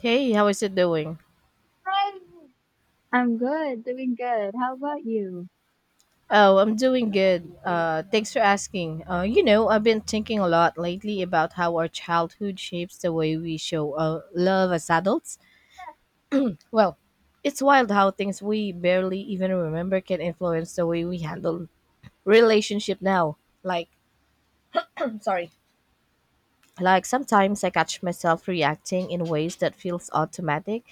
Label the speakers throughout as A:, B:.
A: Hey, how is it doing?
B: Hi. I'm good, doing good. How about you?
A: Oh, I'm doing good. Thanks for asking. I've been thinking a lot lately about how our childhood shapes the way we show love as adults. Well, it's wild how things we barely even remember can influence the way we handle relationship now. Like, sorry. Like sometimes I catch myself reacting in ways that feels automatic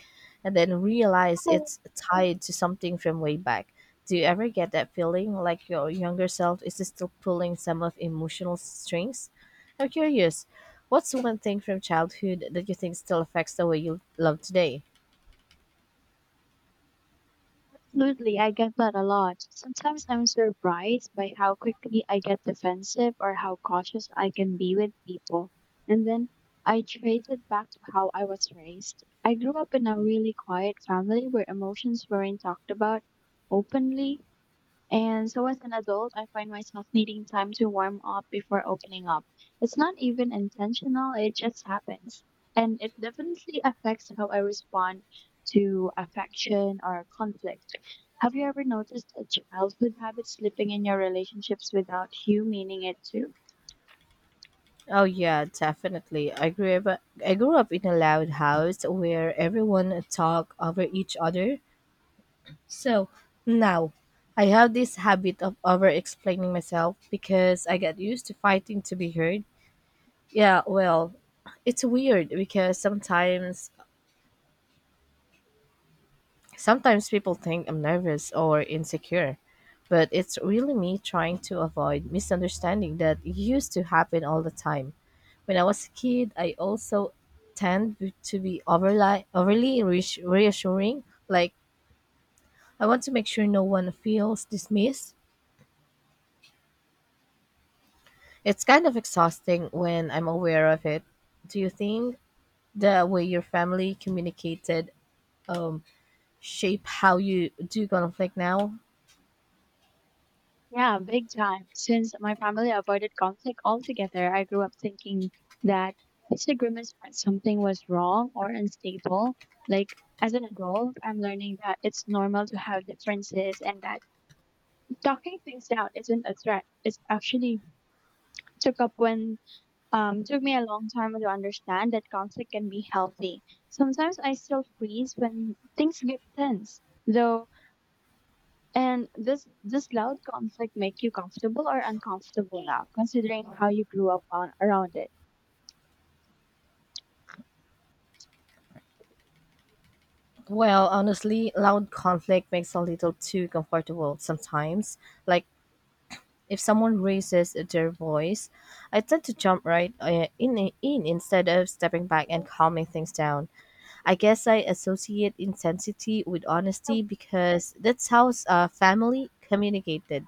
A: and then realize
B: Oh,
A: it's tied to something from way back. Do you ever get that feeling like your younger self is still pulling some of emotional strings? I'm curious, what's one thing from childhood that you think still affects the way you love today?
B: absolutely. I get that a lot. Sometimes I'm surprised by how quickly I get defensive or how cautious I can be with people. And then I trace it back to how I was raised. I grew up in a really quiet family where emotions weren't talked about openly. And so as an adult, I find myself needing time to warm up before opening up. It's not even intentional, it just happens. And it definitely affects how I respond to affection or conflict. Have you ever noticed a childhood habit slipping in your relationships without you meaning it too?
A: Oh yeah, definitely. I grew up in a loud house where everyone talked over each other. So now I have this habit of over explaining myself because I got used to fighting to be heard. Yeah, well, it's weird because sometimes people think I'm nervous or insecure, but it's really me trying to avoid misunderstanding that used to happen all the time. When I was a kid, I also tend to be reassuring, like I want to make sure no one feels dismissed. It's kind of exhausting when I'm aware of it. Do you think the way your family communicated um shape how you do conflict now?
B: Yeah, big time. Since my family avoided conflict altogether, I grew up thinking that disagreements meant something was wrong or unstable. Like, as an adult, I'm learning that it's normal to have differences and that talking things out isn't a threat. It's actually took up when took me a long time to understand that conflict can be healthy. Sometimes I still freeze when things get tense, though, and this loud conflict, make you comfortable or uncomfortable now, considering how you grew up on around it?
A: Well, honestly, loud conflict makes a little too comfortable sometimes. Like if someone raises their voice, I tend to jump right in instead of stepping back and calming things down. I guess I associate intensity with honesty because that's how family communicated.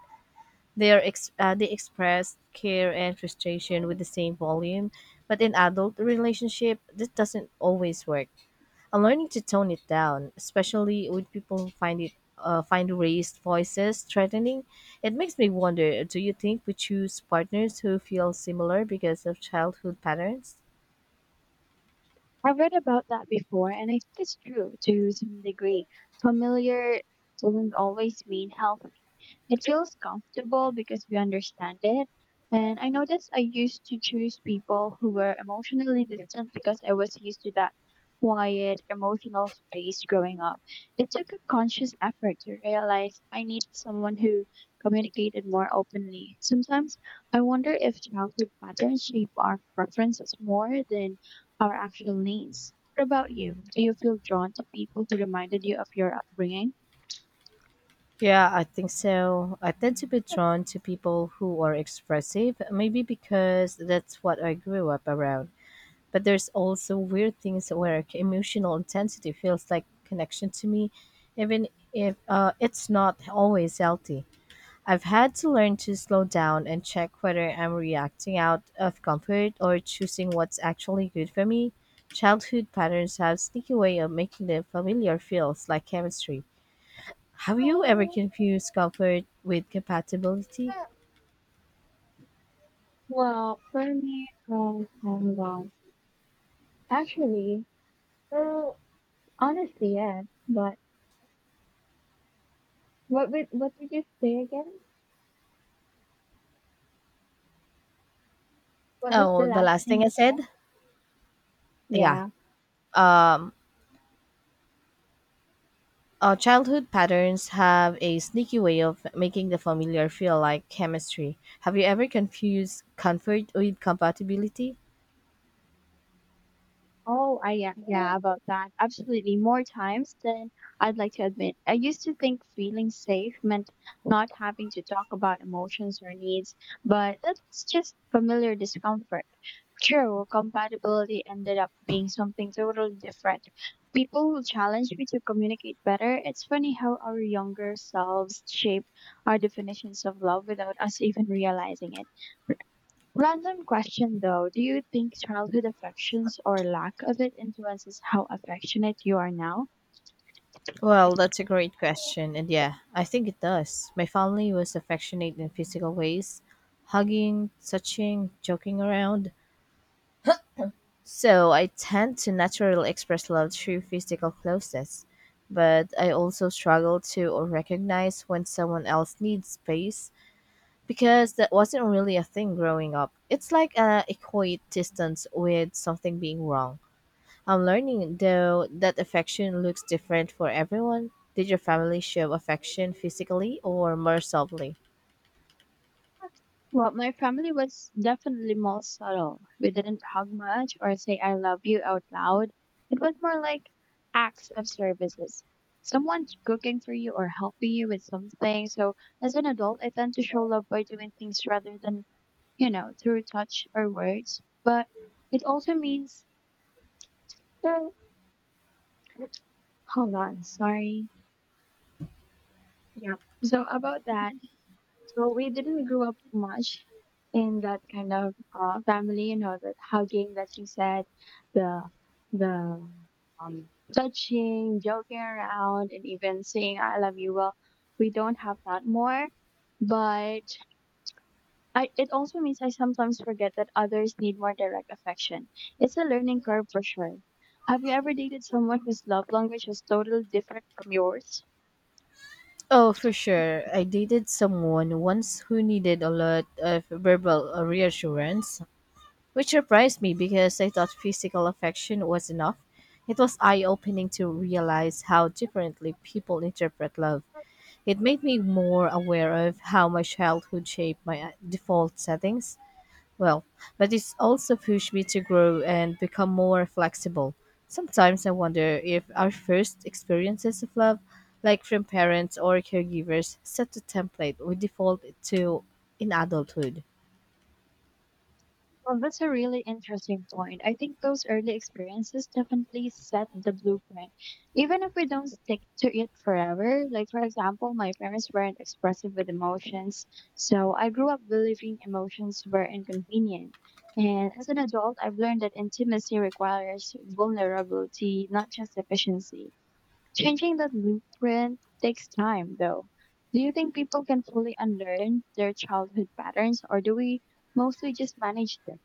A: They express care and frustration with the same volume, but in adult relationship, this doesn't always work. I'm learning to tone it down, especially when people find raised voices threatening. It makes me wonder: do you think we choose partners who feel similar because of childhood patterns?
B: I've read about that before, and I think it's true to some degree. Familiar doesn't always mean healthy. It feels comfortable because we understand it. And I noticed I used to choose people who were emotionally distant because I was used to that quiet, emotional space growing up. It took a conscious effort to realize I need someone who communicated more openly. Sometimes I wonder if childhood patterns shape our preferences more than our actual needs. What about you? Do you feel drawn to people who reminded you of your upbringing?
A: Yeah, I think so. I tend to be drawn to people who are expressive, maybe because that's what I grew up around. But there's also weird things where emotional intensity feels like connection to me, even if it's not always healthy. I've had to learn to slow down and check whether I'm reacting out of comfort or choosing what's actually good for me. Childhood patterns have sneaky way of making the familiar feels like chemistry. Have you ever confused comfort with compatibility?
B: Well, for me, oh my God. Actually, well, honestly, yes. But what did you say again? What was the
A: Oh, the
B: last
A: last
B: thing
A: thing I
B: you
A: said?
B: said?
A: Yeah.
B: Yeah.
A: Childhood patterns have a sneaky way of making the familiar feel like chemistry. Have you ever confused comfort with compatibility?
B: Oh, I yeah, yeah, about that. Absolutely. More times than I'd like to admit. I used to think feeling safe meant not having to talk about emotions or needs, but that's just familiar discomfort. True, compatibility ended up being something totally different. People will challenge me to communicate better. It's funny how our younger selves shape our definitions of love without us even realizing it. Random question though, do you think childhood affections or lack of it influences how affectionate you are now?
A: Well, that's a great question. And yeah, I think it does. My family was affectionate in physical ways: hugging, touching, joking around. So I tend to naturally express love through physical closeness. But I also struggle to recognize when someone else needs space because that wasn't really a thing growing up. It's like a equate distance with something being wrong. I'm learning though that affection looks different for everyone. Did your family show affection physically or more subtly?
B: Well, my family was definitely more subtle. We didn't hug much or say I love you out loud. It was more like acts of services. Someone's cooking for you or helping you with something. So as an adult, I tend to show love by doing things rather than, you know, through touch or words. But it also means that, hold on, sorry. Yeah. So about that, so we didn't grow up much in that kind of family, that hugging that you said, the the touching, joking around, and even saying "I love you." Well, we don't have that more, but it also means I sometimes forget that others need more direct affection. It's a learning curve for sure. Have you ever dated someone whose love language was totally different from yours?
A: Oh, for sure. I dated someone once who needed a lot of verbal reassurance, which surprised me because I thought physical affection was enough. It was eye opening to realize how differently people interpret love. It made me more aware of how my childhood shaped my default settings. Well, but it's also pushed me to grow and become more flexible. Sometimes I wonder if our first experiences of love, like from parents or caregivers, set a template we default to in adulthood.
B: Well, that's a really interesting point. I think those early experiences definitely set the blueprint, even if we don't stick to it forever. Like, for example, my parents weren't expressive with emotions, so I grew up believing emotions were inconvenient. And as an adult, I've learned that intimacy requires vulnerability, not just efficiency. Changing that blueprint takes time, though. Do you think people can fully unlearn their childhood patterns, or do we mostly just manage them?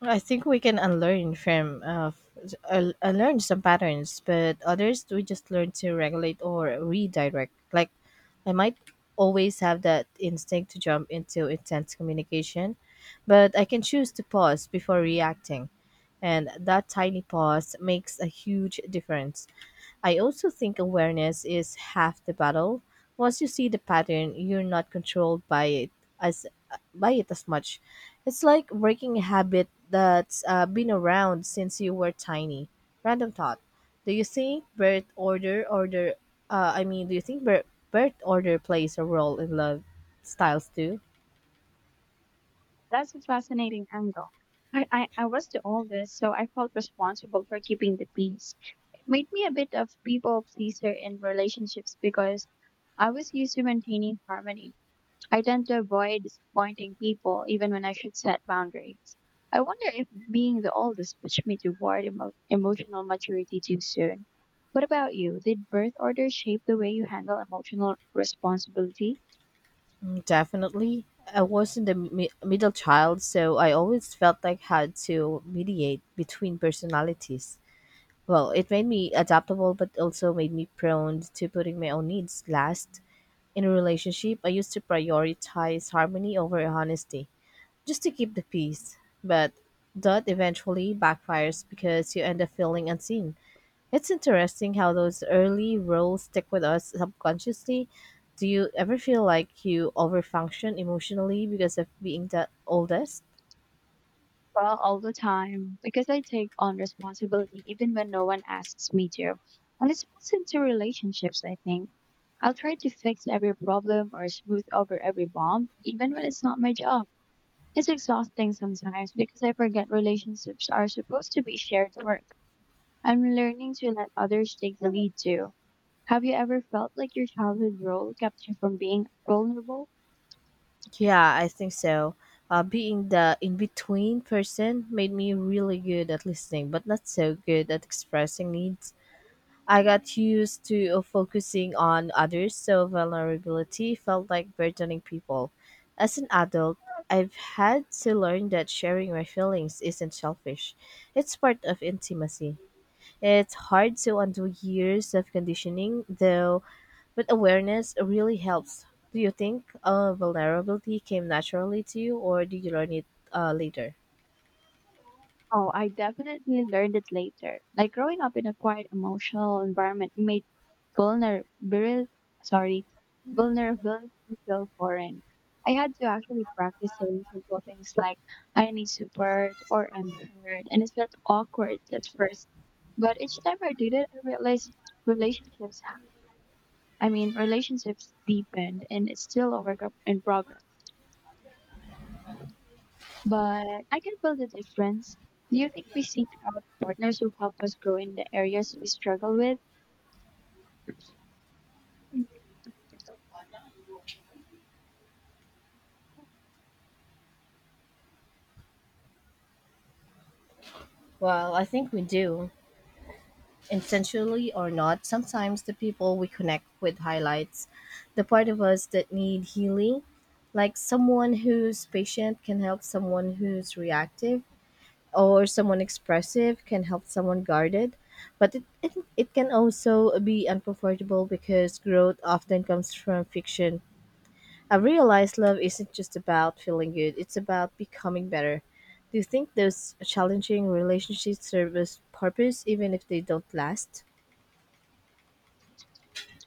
A: I think we can unlearn from f- un- unlearn some patterns, but others we just learn to regulate or redirect. Like I might always have that instinct to jump into intense communication, but I can choose to pause before reacting, and that tiny pause makes a huge difference. I also think awareness is half the battle. Once you see the pattern, you're not controlled as by it as much. It's like breaking a habit that's been around since you were tiny. Random thought: do you think birth order order? I mean, do you think birth birth order plays a role in love styles too?
B: That's a fascinating angle. I was the oldest, so I felt responsible for keeping the peace. It made me a bit of people pleaser in relationships because I was used to maintaining harmony. I tend to avoid disappointing people even when I should set boundaries. I wonder if being the oldest pushed me toward emotional maturity too soon. What about you? Did birth order shape the way you handle emotional responsibility?
A: Mm, definitely. I wasn't the mi- middle child, so I always felt like I had to mediate between personalities. Well, it made me adaptable, but also made me prone to putting my own needs last. In a relationship, I used to prioritize harmony over honesty just to keep the peace. But that eventually backfires because you end up feeling unseen. It's interesting how those early roles stick with us subconsciously. Do you ever feel like you overfunction emotionally because of being the oldest?
B: Well, all the time, because I take on responsibility even when no one asks me to. And it's built into relationships, I think. I'll try to fix every problem or smooth over every bump, even when it's not my job. It's exhausting sometimes because I forget relationships are supposed to be shared work. I'm learning to let others take the lead too. Have you ever felt like your childhood role kept you from being vulnerable?
A: Yeah, I think so. Being the in between person made me really good at listening, but not so good at expressing needs. I got used to focusing on others, so vulnerability felt like burdening people. As an adult, I've had to learn that sharing my feelings isn't selfish. It's part of intimacy. It's hard to undo years of conditioning, though, but awareness really helps. Do you think vulnerability came naturally to you, or did you learn it later?
B: Oh, I definitely learned it later. Like growing up in a quiet emotional environment made vulnerability, sorry, vulnerability feel foreign. I had to actually practice saying simple things like I need support or I'm hurt, and it felt awkward at first. But each time I did it, I realized relationships I mean relationships deepened, and it's still a work in progress, but I can feel the difference. Do you think we seek out partners who help us grow in the areas we struggle with?
A: Well, I think we do. Intentionally or not, sometimes the people we connect with highlights the part of us that need healing. Like someone who's patient can help someone who's reactive, or someone expressive can help someone guarded. But it can also be uncomfortable because growth often comes from fiction. I've realized love isn't just about feeling good, it's about becoming better. Do you think those challenging relationships serve as purpose even if they don't last?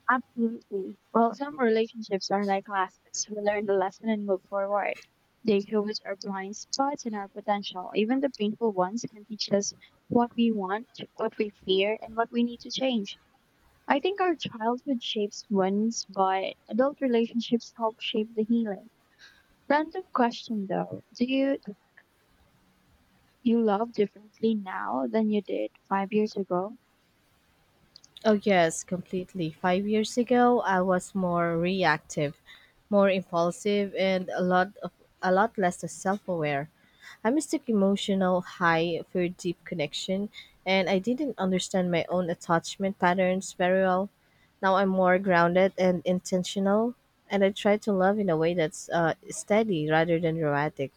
B: Absolutely. Well, some relationships are like classes. We learn the lesson and move forward. They show us our blind spots and our potential. Even the painful ones can teach us what we want, what we fear, and what we need to change. I think our childhood shapes wounds, but adult relationships help shape the healing. Random question though. Do you You love differently now than you did 5 years ago.
A: Oh, yes, completely. 5 years ago, I was more reactive, more impulsive, and a lot less self-aware. I mistook emotional high for deep connection, and I didn't understand my own attachment patterns very well. Now I'm more grounded and intentional, and I try to love in a way that's steady rather than dramatic.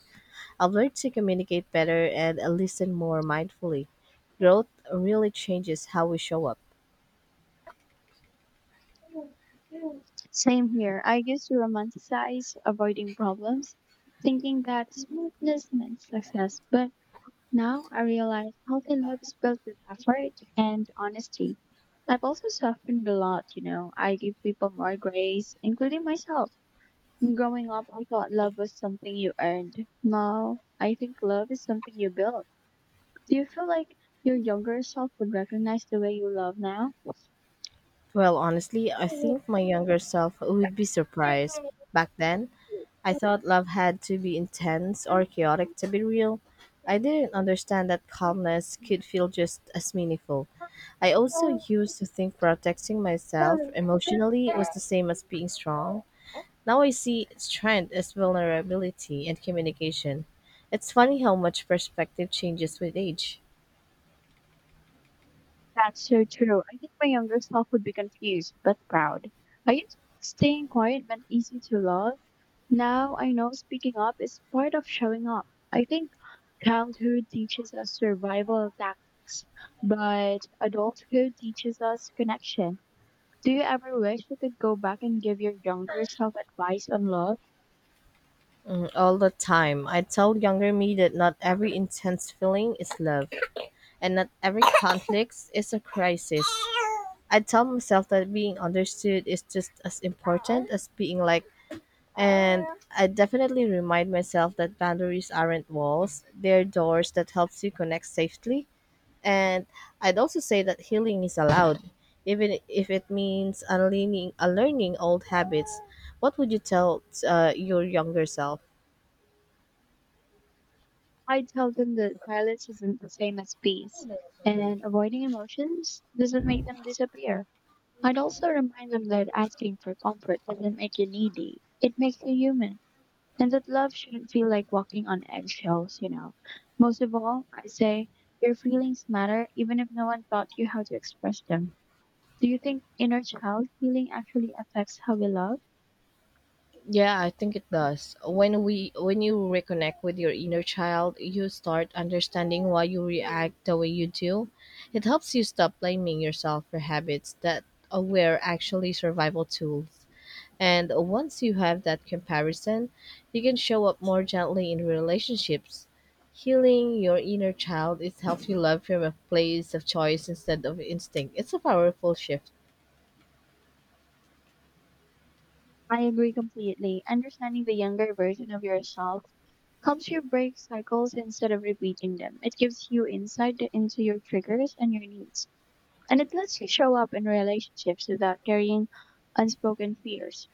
A: I've learned to communicate better and listen more mindfully. Growth really changes how we show up.
B: Same here. I used to romanticize avoiding problems, thinking that smoothness meant success. But now I realize healthy love is built with effort and honesty. I've also softened a lot, you know. I give people more grace, including myself. Growing up, I thought love was something you earned. Now, I think love is something you build. Do you feel like your younger self would recognize the way you love now?
A: Well, honestly, I think my younger self would be surprised. Back then, I thought love had to be intense or chaotic to be real. I didn't understand that calmness could feel just as meaningful. I also used to think protecting myself emotionally was the same as being strong. Now I see strength as vulnerability and communication. It's funny how much perspective changes with age.
B: That's so true. I think my younger self would be confused but proud. I used to staying quiet meant easy to love. Now I know speaking up is part of showing up. I think childhood teaches us survival tactics, but adulthood teaches us connection. Do you ever wish you could go back and give your younger self advice on love?
A: Mm, all the time. I tell younger me that not every intense feeling is love, and not every conflict is a crisis. I tell myself that being understood is just as important as being liked, and I definitely remind myself that boundaries aren't walls; they're doors that helps you connect safely. And I'd also say that healing is allowed, even if it means unlearning old habits. What would you tell your younger self?
B: I tell them that violence isn't the same as peace, and avoiding emotions doesn't make them disappear. I'd also remind them that asking for comfort doesn't make you needy, it makes you human, and that love shouldn't feel like walking on eggshells, you know. Most of all, I say your feelings matter even if no one taught you how to express them. Do you think inner child healing actually affects how we love?
A: Yeah, I think it does. When we when you reconnect with your inner child, you start understanding why you react the way you do. It helps you stop blaming yourself for habits that were actually survival tools. And once you have that comparison, you can show up more gently in relationships. Healing your inner child is helps you love from a place of choice instead of instinct. It's a powerful shift.
B: I agree completely. Understanding the younger version of yourself helps you break cycles instead of repeating them. It gives you insight into your triggers and your needs, and it lets you show up in relationships without carrying unspoken fears.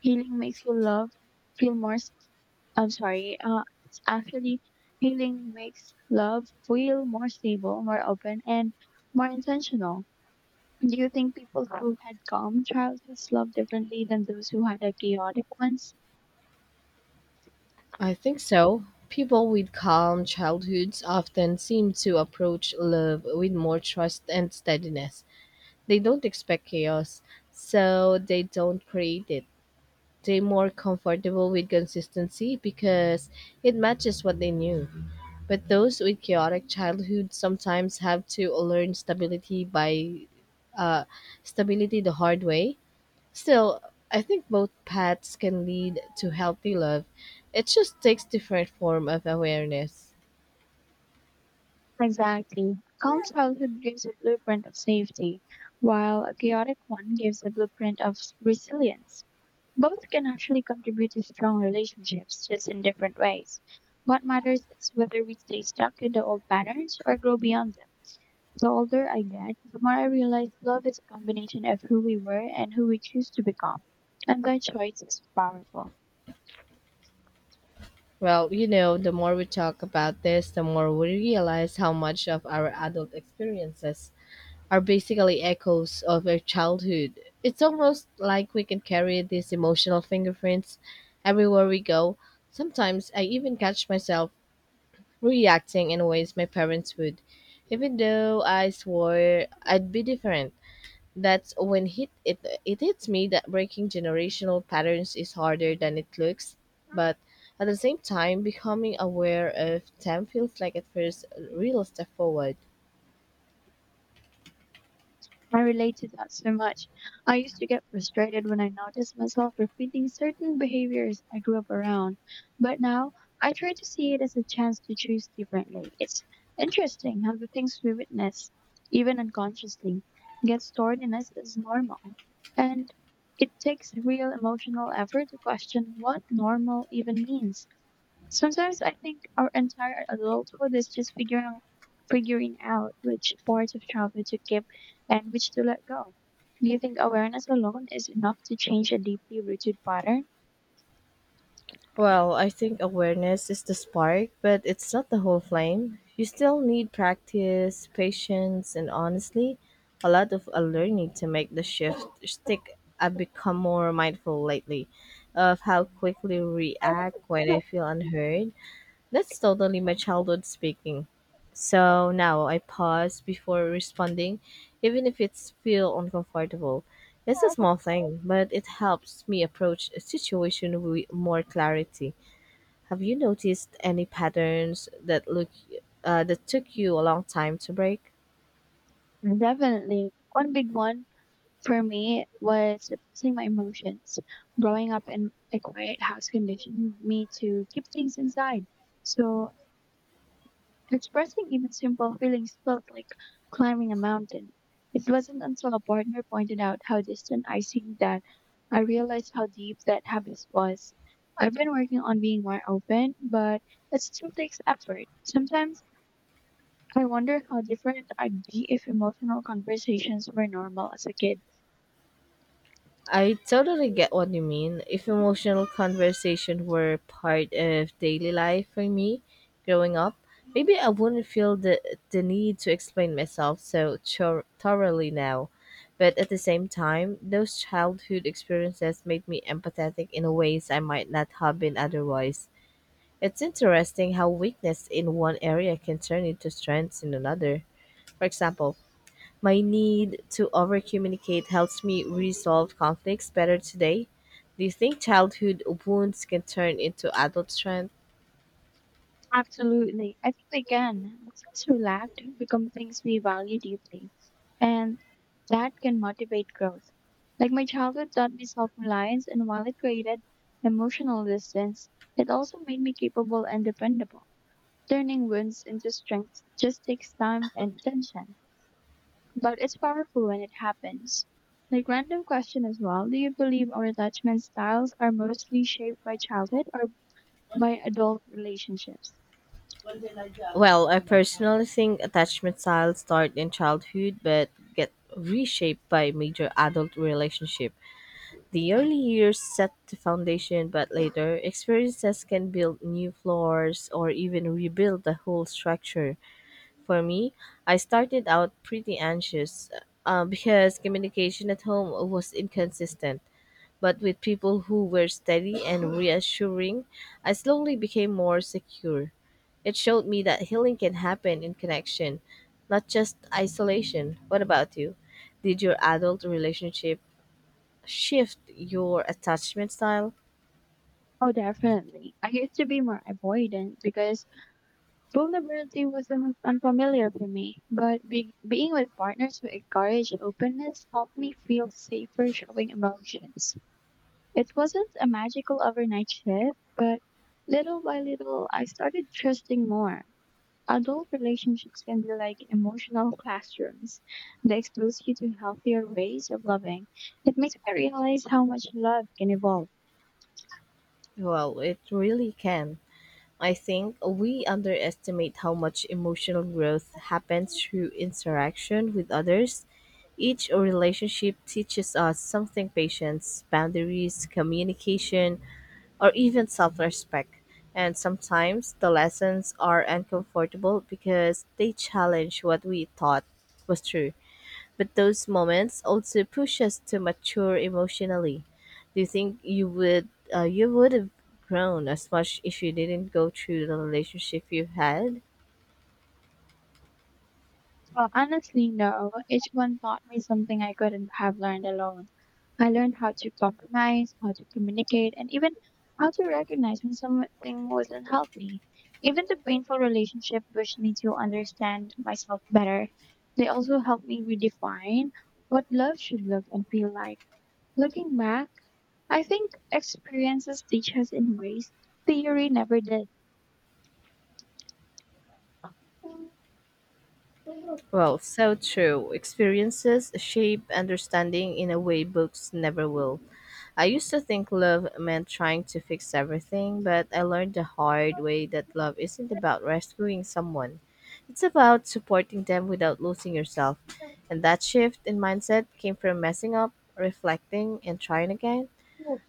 B: Healing makes you love feel more. S- I'm sorry. It's actually healing makes love feel more stable, more open, and more intentional. Do you think people who had calm childhoods love differently than those who had a chaotic ones?
A: I think so. People with calm childhoods often seem to approach love with more trust and steadiness. They don't expect chaos, so they don't create it. They're more comfortable with consistency because it matches what they knew. But those with chaotic childhoods sometimes have to learn uh, stability the hard way. Still, I think both paths can lead to healthy love. It just takes different form of awareness.
B: Exactly. Calm childhood gives a blueprint of safety, while a chaotic one gives a blueprint of resilience. Both can actually contribute to strong relationships, just in different ways. What matters is whether we stay stuck in the old patterns or grow beyond them. The older I get, the more I realize love is a combination of who we were and who we choose to become. And that choice is powerful.
A: Well, you know, the more we talk about this, the more we realize how much of our adult experiences are basically echoes of our childhood. It's almost like we can carry these emotional fingerprints everywhere we go. Sometimes I even catch myself reacting in ways my parents would, even though I swore I'd be different. That's when hit it it hits me that breaking generational patterns is harder than it looks, but at the same time, becoming aware of them feels like at first a real step forward.
B: I relate to that so much. I used to get frustrated when I noticed myself repeating certain behaviors I grew up around, but now I try to see it as a chance to choose differently. It's interesting how the things we witness, even unconsciously, get stored in us as normal. And it takes real emotional effort to question what normal even means. Sometimes I think our entire adulthood is just figuring out which parts of childhood to keep and which to let go. Do you think awareness alone is enough to change a deeply rooted pattern?
A: Well, I think awareness is the spark, but it's not the whole flame. You still need practice, patience, and honestly, a lot of learning to make the shift stick. I've become more mindful lately of how quickly react when I feel unheard. That's totally my childhood speaking. So now I pause before responding, even if it's feel uncomfortable. It's a small thing, but it helps me approach a situation with more clarity. Have you noticed any patterns that look that took you a long time to break?
B: Definitely. One big one for me was suppressing my emotions. Growing up in a quiet house conditioned me to keep things inside. So expressing even simple feelings felt like climbing a mountain. It wasn't until a partner pointed out how distant I seemed that I realized how deep that habit was. I've been working on being more open, but it still takes effort. Sometimes I wonder how different I'd be if emotional conversations were normal as a kid.
A: I totally get what you mean. If emotional conversation were part of daily life for me growing up, maybe I wouldn't feel the need to explain myself so thoroughly now. But at the same time, those childhood experiences made me empathetic in ways I might not have been otherwise. It's interesting how weakness in one area can turn into strengths in another. For example, my need to overcommunicate helps me resolve conflicts better today. Do you think childhood wounds can turn into adult strength?
B: Absolutely. I think we can. The things we lacked become things we value deeply, and that can motivate growth. Like my childhood taught me self-reliance, and while it created emotional distance, it also made me capable and dependable. Turning wounds into strength just takes time and attention, but it's powerful when it happens. Like random question as well, do you believe our attachment styles are mostly shaped by childhood or by adult relationships?
A: Well, I personally think attachment styles start in childhood but get reshaped by major adult relationship. The early years set the foundation, but later experiences can build new floors or even rebuild the whole structure. For me, I started out pretty anxious because communication at home was inconsistent. But with people who were steady and reassuring, I slowly became more secure. It showed me that healing can happen in connection, not just isolation. What about you? Did your adult relationship shift your attachment style?
B: Oh, definitely. I used to be more avoidant because vulnerability was unfamiliar for me. But being with partners who encourage openness helped me feel safer showing emotions. It wasn't a magical overnight shift, but little by little, I started trusting more. Adult relationships can be like emotional classrooms. They expose you to healthier ways of loving. It makes me realize how much love can evolve.
A: Well, it really can. I think we underestimate how much emotional growth happens through interaction with others. Each relationship teaches us something patience, boundaries, communication, or even self respect. And sometimes the lessons are uncomfortable because they challenge what we thought was true. But those moments also push us to mature emotionally. Do you think you would have grown as much if you didn't go through the relationship you had?
B: Well, honestly, no. Each one taught me something I couldn't have learned alone. I learned how to compromise, how to communicate, and even how to recognize when something wasn't healthy. Even the painful relationship pushed me to understand myself better. They also helped me redefine what love should look and feel like. Looking back, I think experiences teach us in ways theory never did.
A: Well, so true. Experiences shape understanding in a way books never will. I used to think love meant trying to fix everything, but I learned the hard way that love isn't about rescuing someone. It's about supporting them without losing yourself. And that shift in mindset came from messing up, reflecting, and trying again.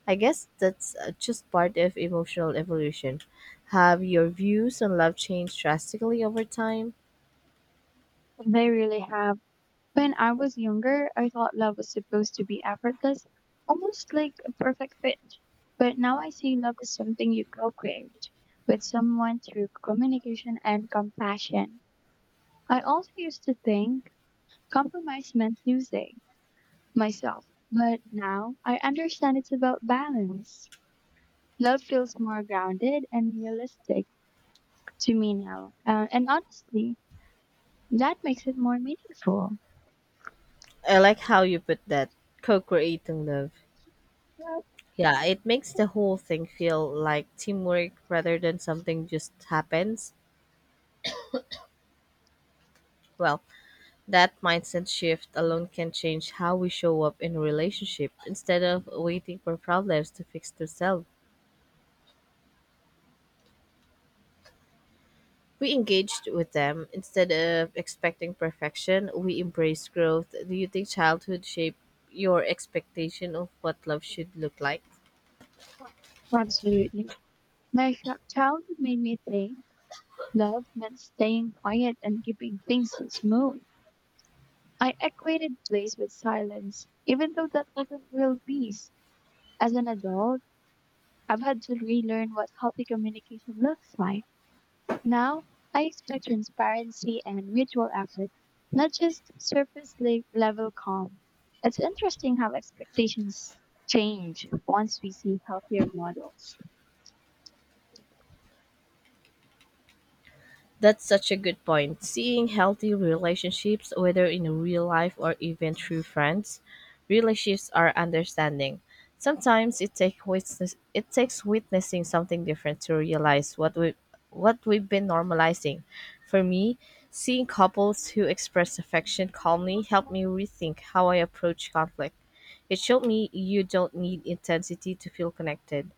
A: I guess that's just part of emotional evolution. Have your views on love changed drastically over time?
B: They really have. When I was younger, I thought love was supposed to be effortless, almost like a perfect fit. But now I see love as something you co create with someone through communication and compassion. I also used to think compromise meant losing myself, but now I understand it's about balance. Love feels more grounded and realistic to me now. And honestly, that makes it more meaningful.
A: I like how you put that co creating love.
B: Yeah,
A: Yeah, it makes the whole thing feel like teamwork rather than something just happens. Well, that mindset shift alone can change how we show up in a relationship. Instead of waiting for problems to fix themselves, we engaged with them. Instead of expecting perfection, we embrace growth. Do you think childhood shaped your expectation of what love should look like?
B: absolutely. My childhood made me think love meant staying quiet and keeping things smooth. I equated place with silence, even though that wasn't real peace. As an adult, I've had to relearn what healthy communication looks like. Now, I expect transparency and mutual effort, not just surface level calm. It's interesting how expectations change once we see healthier models.
A: That's such a good point. Seeing healthy relationships, whether in real life or even through friends, really shifts our understanding. Sometimes it takes witnessing something different to realize what we've been normalizing. For me, seeing couples who express affection calmly helped me rethink how I approach conflict. It showed me you don't need intensity to feel connected.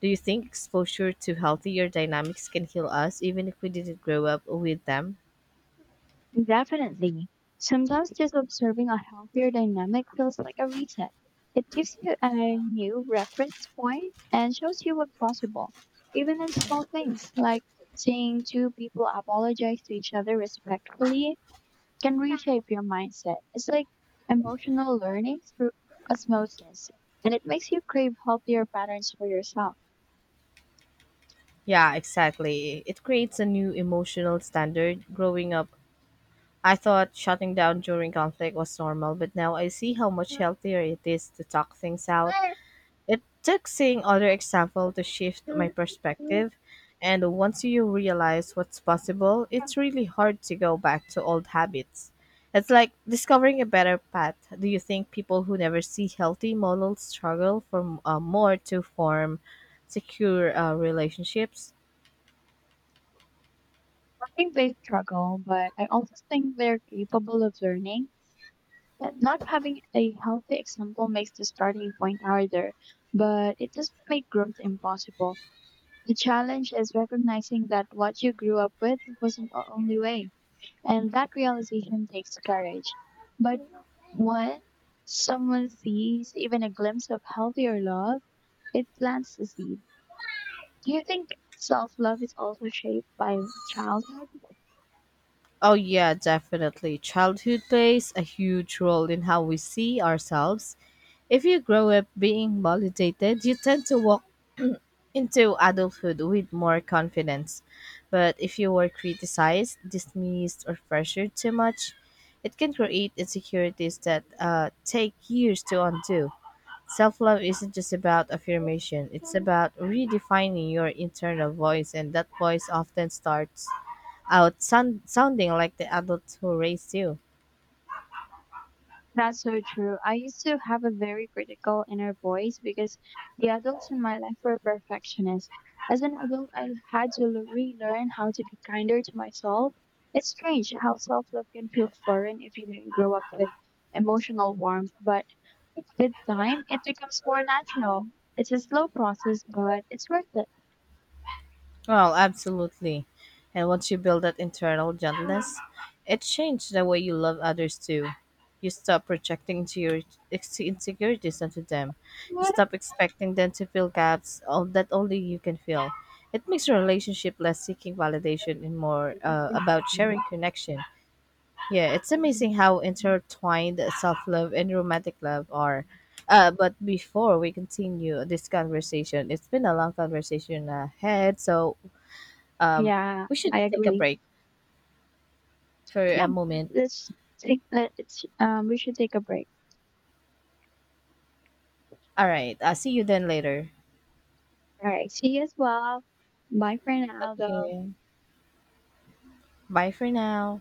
A: Do you think exposure to healthier dynamics can heal us even if we didn't grow up with them?
B: Definitely. Sometimes just observing a healthier dynamic feels like a reset. It gives you a new reference point and shows you what's possible, even in small things like seeing two people apologize to each other respectfully can reshape your mindset. It's like emotional learning through osmosis, and it makes you crave healthier patterns for yourself.
A: Yeah, exactly. It creates a new emotional standard. Growing up, I thought shutting down during conflict was normal, but now I see how much healthier it is to talk things out. It took seeing other example to shift my perspective, and once you realize what's possible, it's really hard to go back to old habits. It's like discovering a better path. Do you think people who never see healthy models struggle for more to form secure relationships?
B: I think they struggle, but I also think they're capable of learning. And not having a healthy example makes the starting point harder, but it doesn't make growth impossible. The challenge is recognizing that what you grew up with wasn't the only way, and that realization takes courage. But when someone sees even a glimpse of healthier love, it plants the seed. Do you think self love is also shaped by childhood?
A: Oh yeah, definitely. Childhood plays a huge role in how we see ourselves. If you grow up being validated, you tend to walk into adulthood with more confidence. But if you were criticized, dismissed, or pressured too much, it can create insecurities that take years to undo. Self love isn't just about affirmation, it's about redefining your internal voice, and that voice often starts out sounding like the adult who raised you.
B: That's so true. I used to have a very critical inner voice because the adults in my life were perfectionists. As an adult, I had to relearn how to be kinder to myself. It's strange how self love can feel foreign if you didn't grow up with emotional warmth, but with time, it becomes more natural. It's a slow process, but it's worth it.
A: Well, absolutely. And once you build that internal gentleness, it changes the way you love others too. You stop projecting into your insecurities onto them. You stop expecting them to fill gaps all that only you can fill. It makes your relationship less seeking validation and more about sharing connection. Yeah, it's amazing how intertwined self-love and romantic love are. But before we continue this conversation, it's been a long conversation ahead, so um,
B: Yeah,
A: we should
B: I
A: take a
B: agree.
A: break for
B: Yeah,
A: a
B: let-
A: moment.
B: let's take let's we should take a break.
A: All right. I'll see you then later.
B: All right. See you as well. Bye for now though.
A: Okay. Bye for now.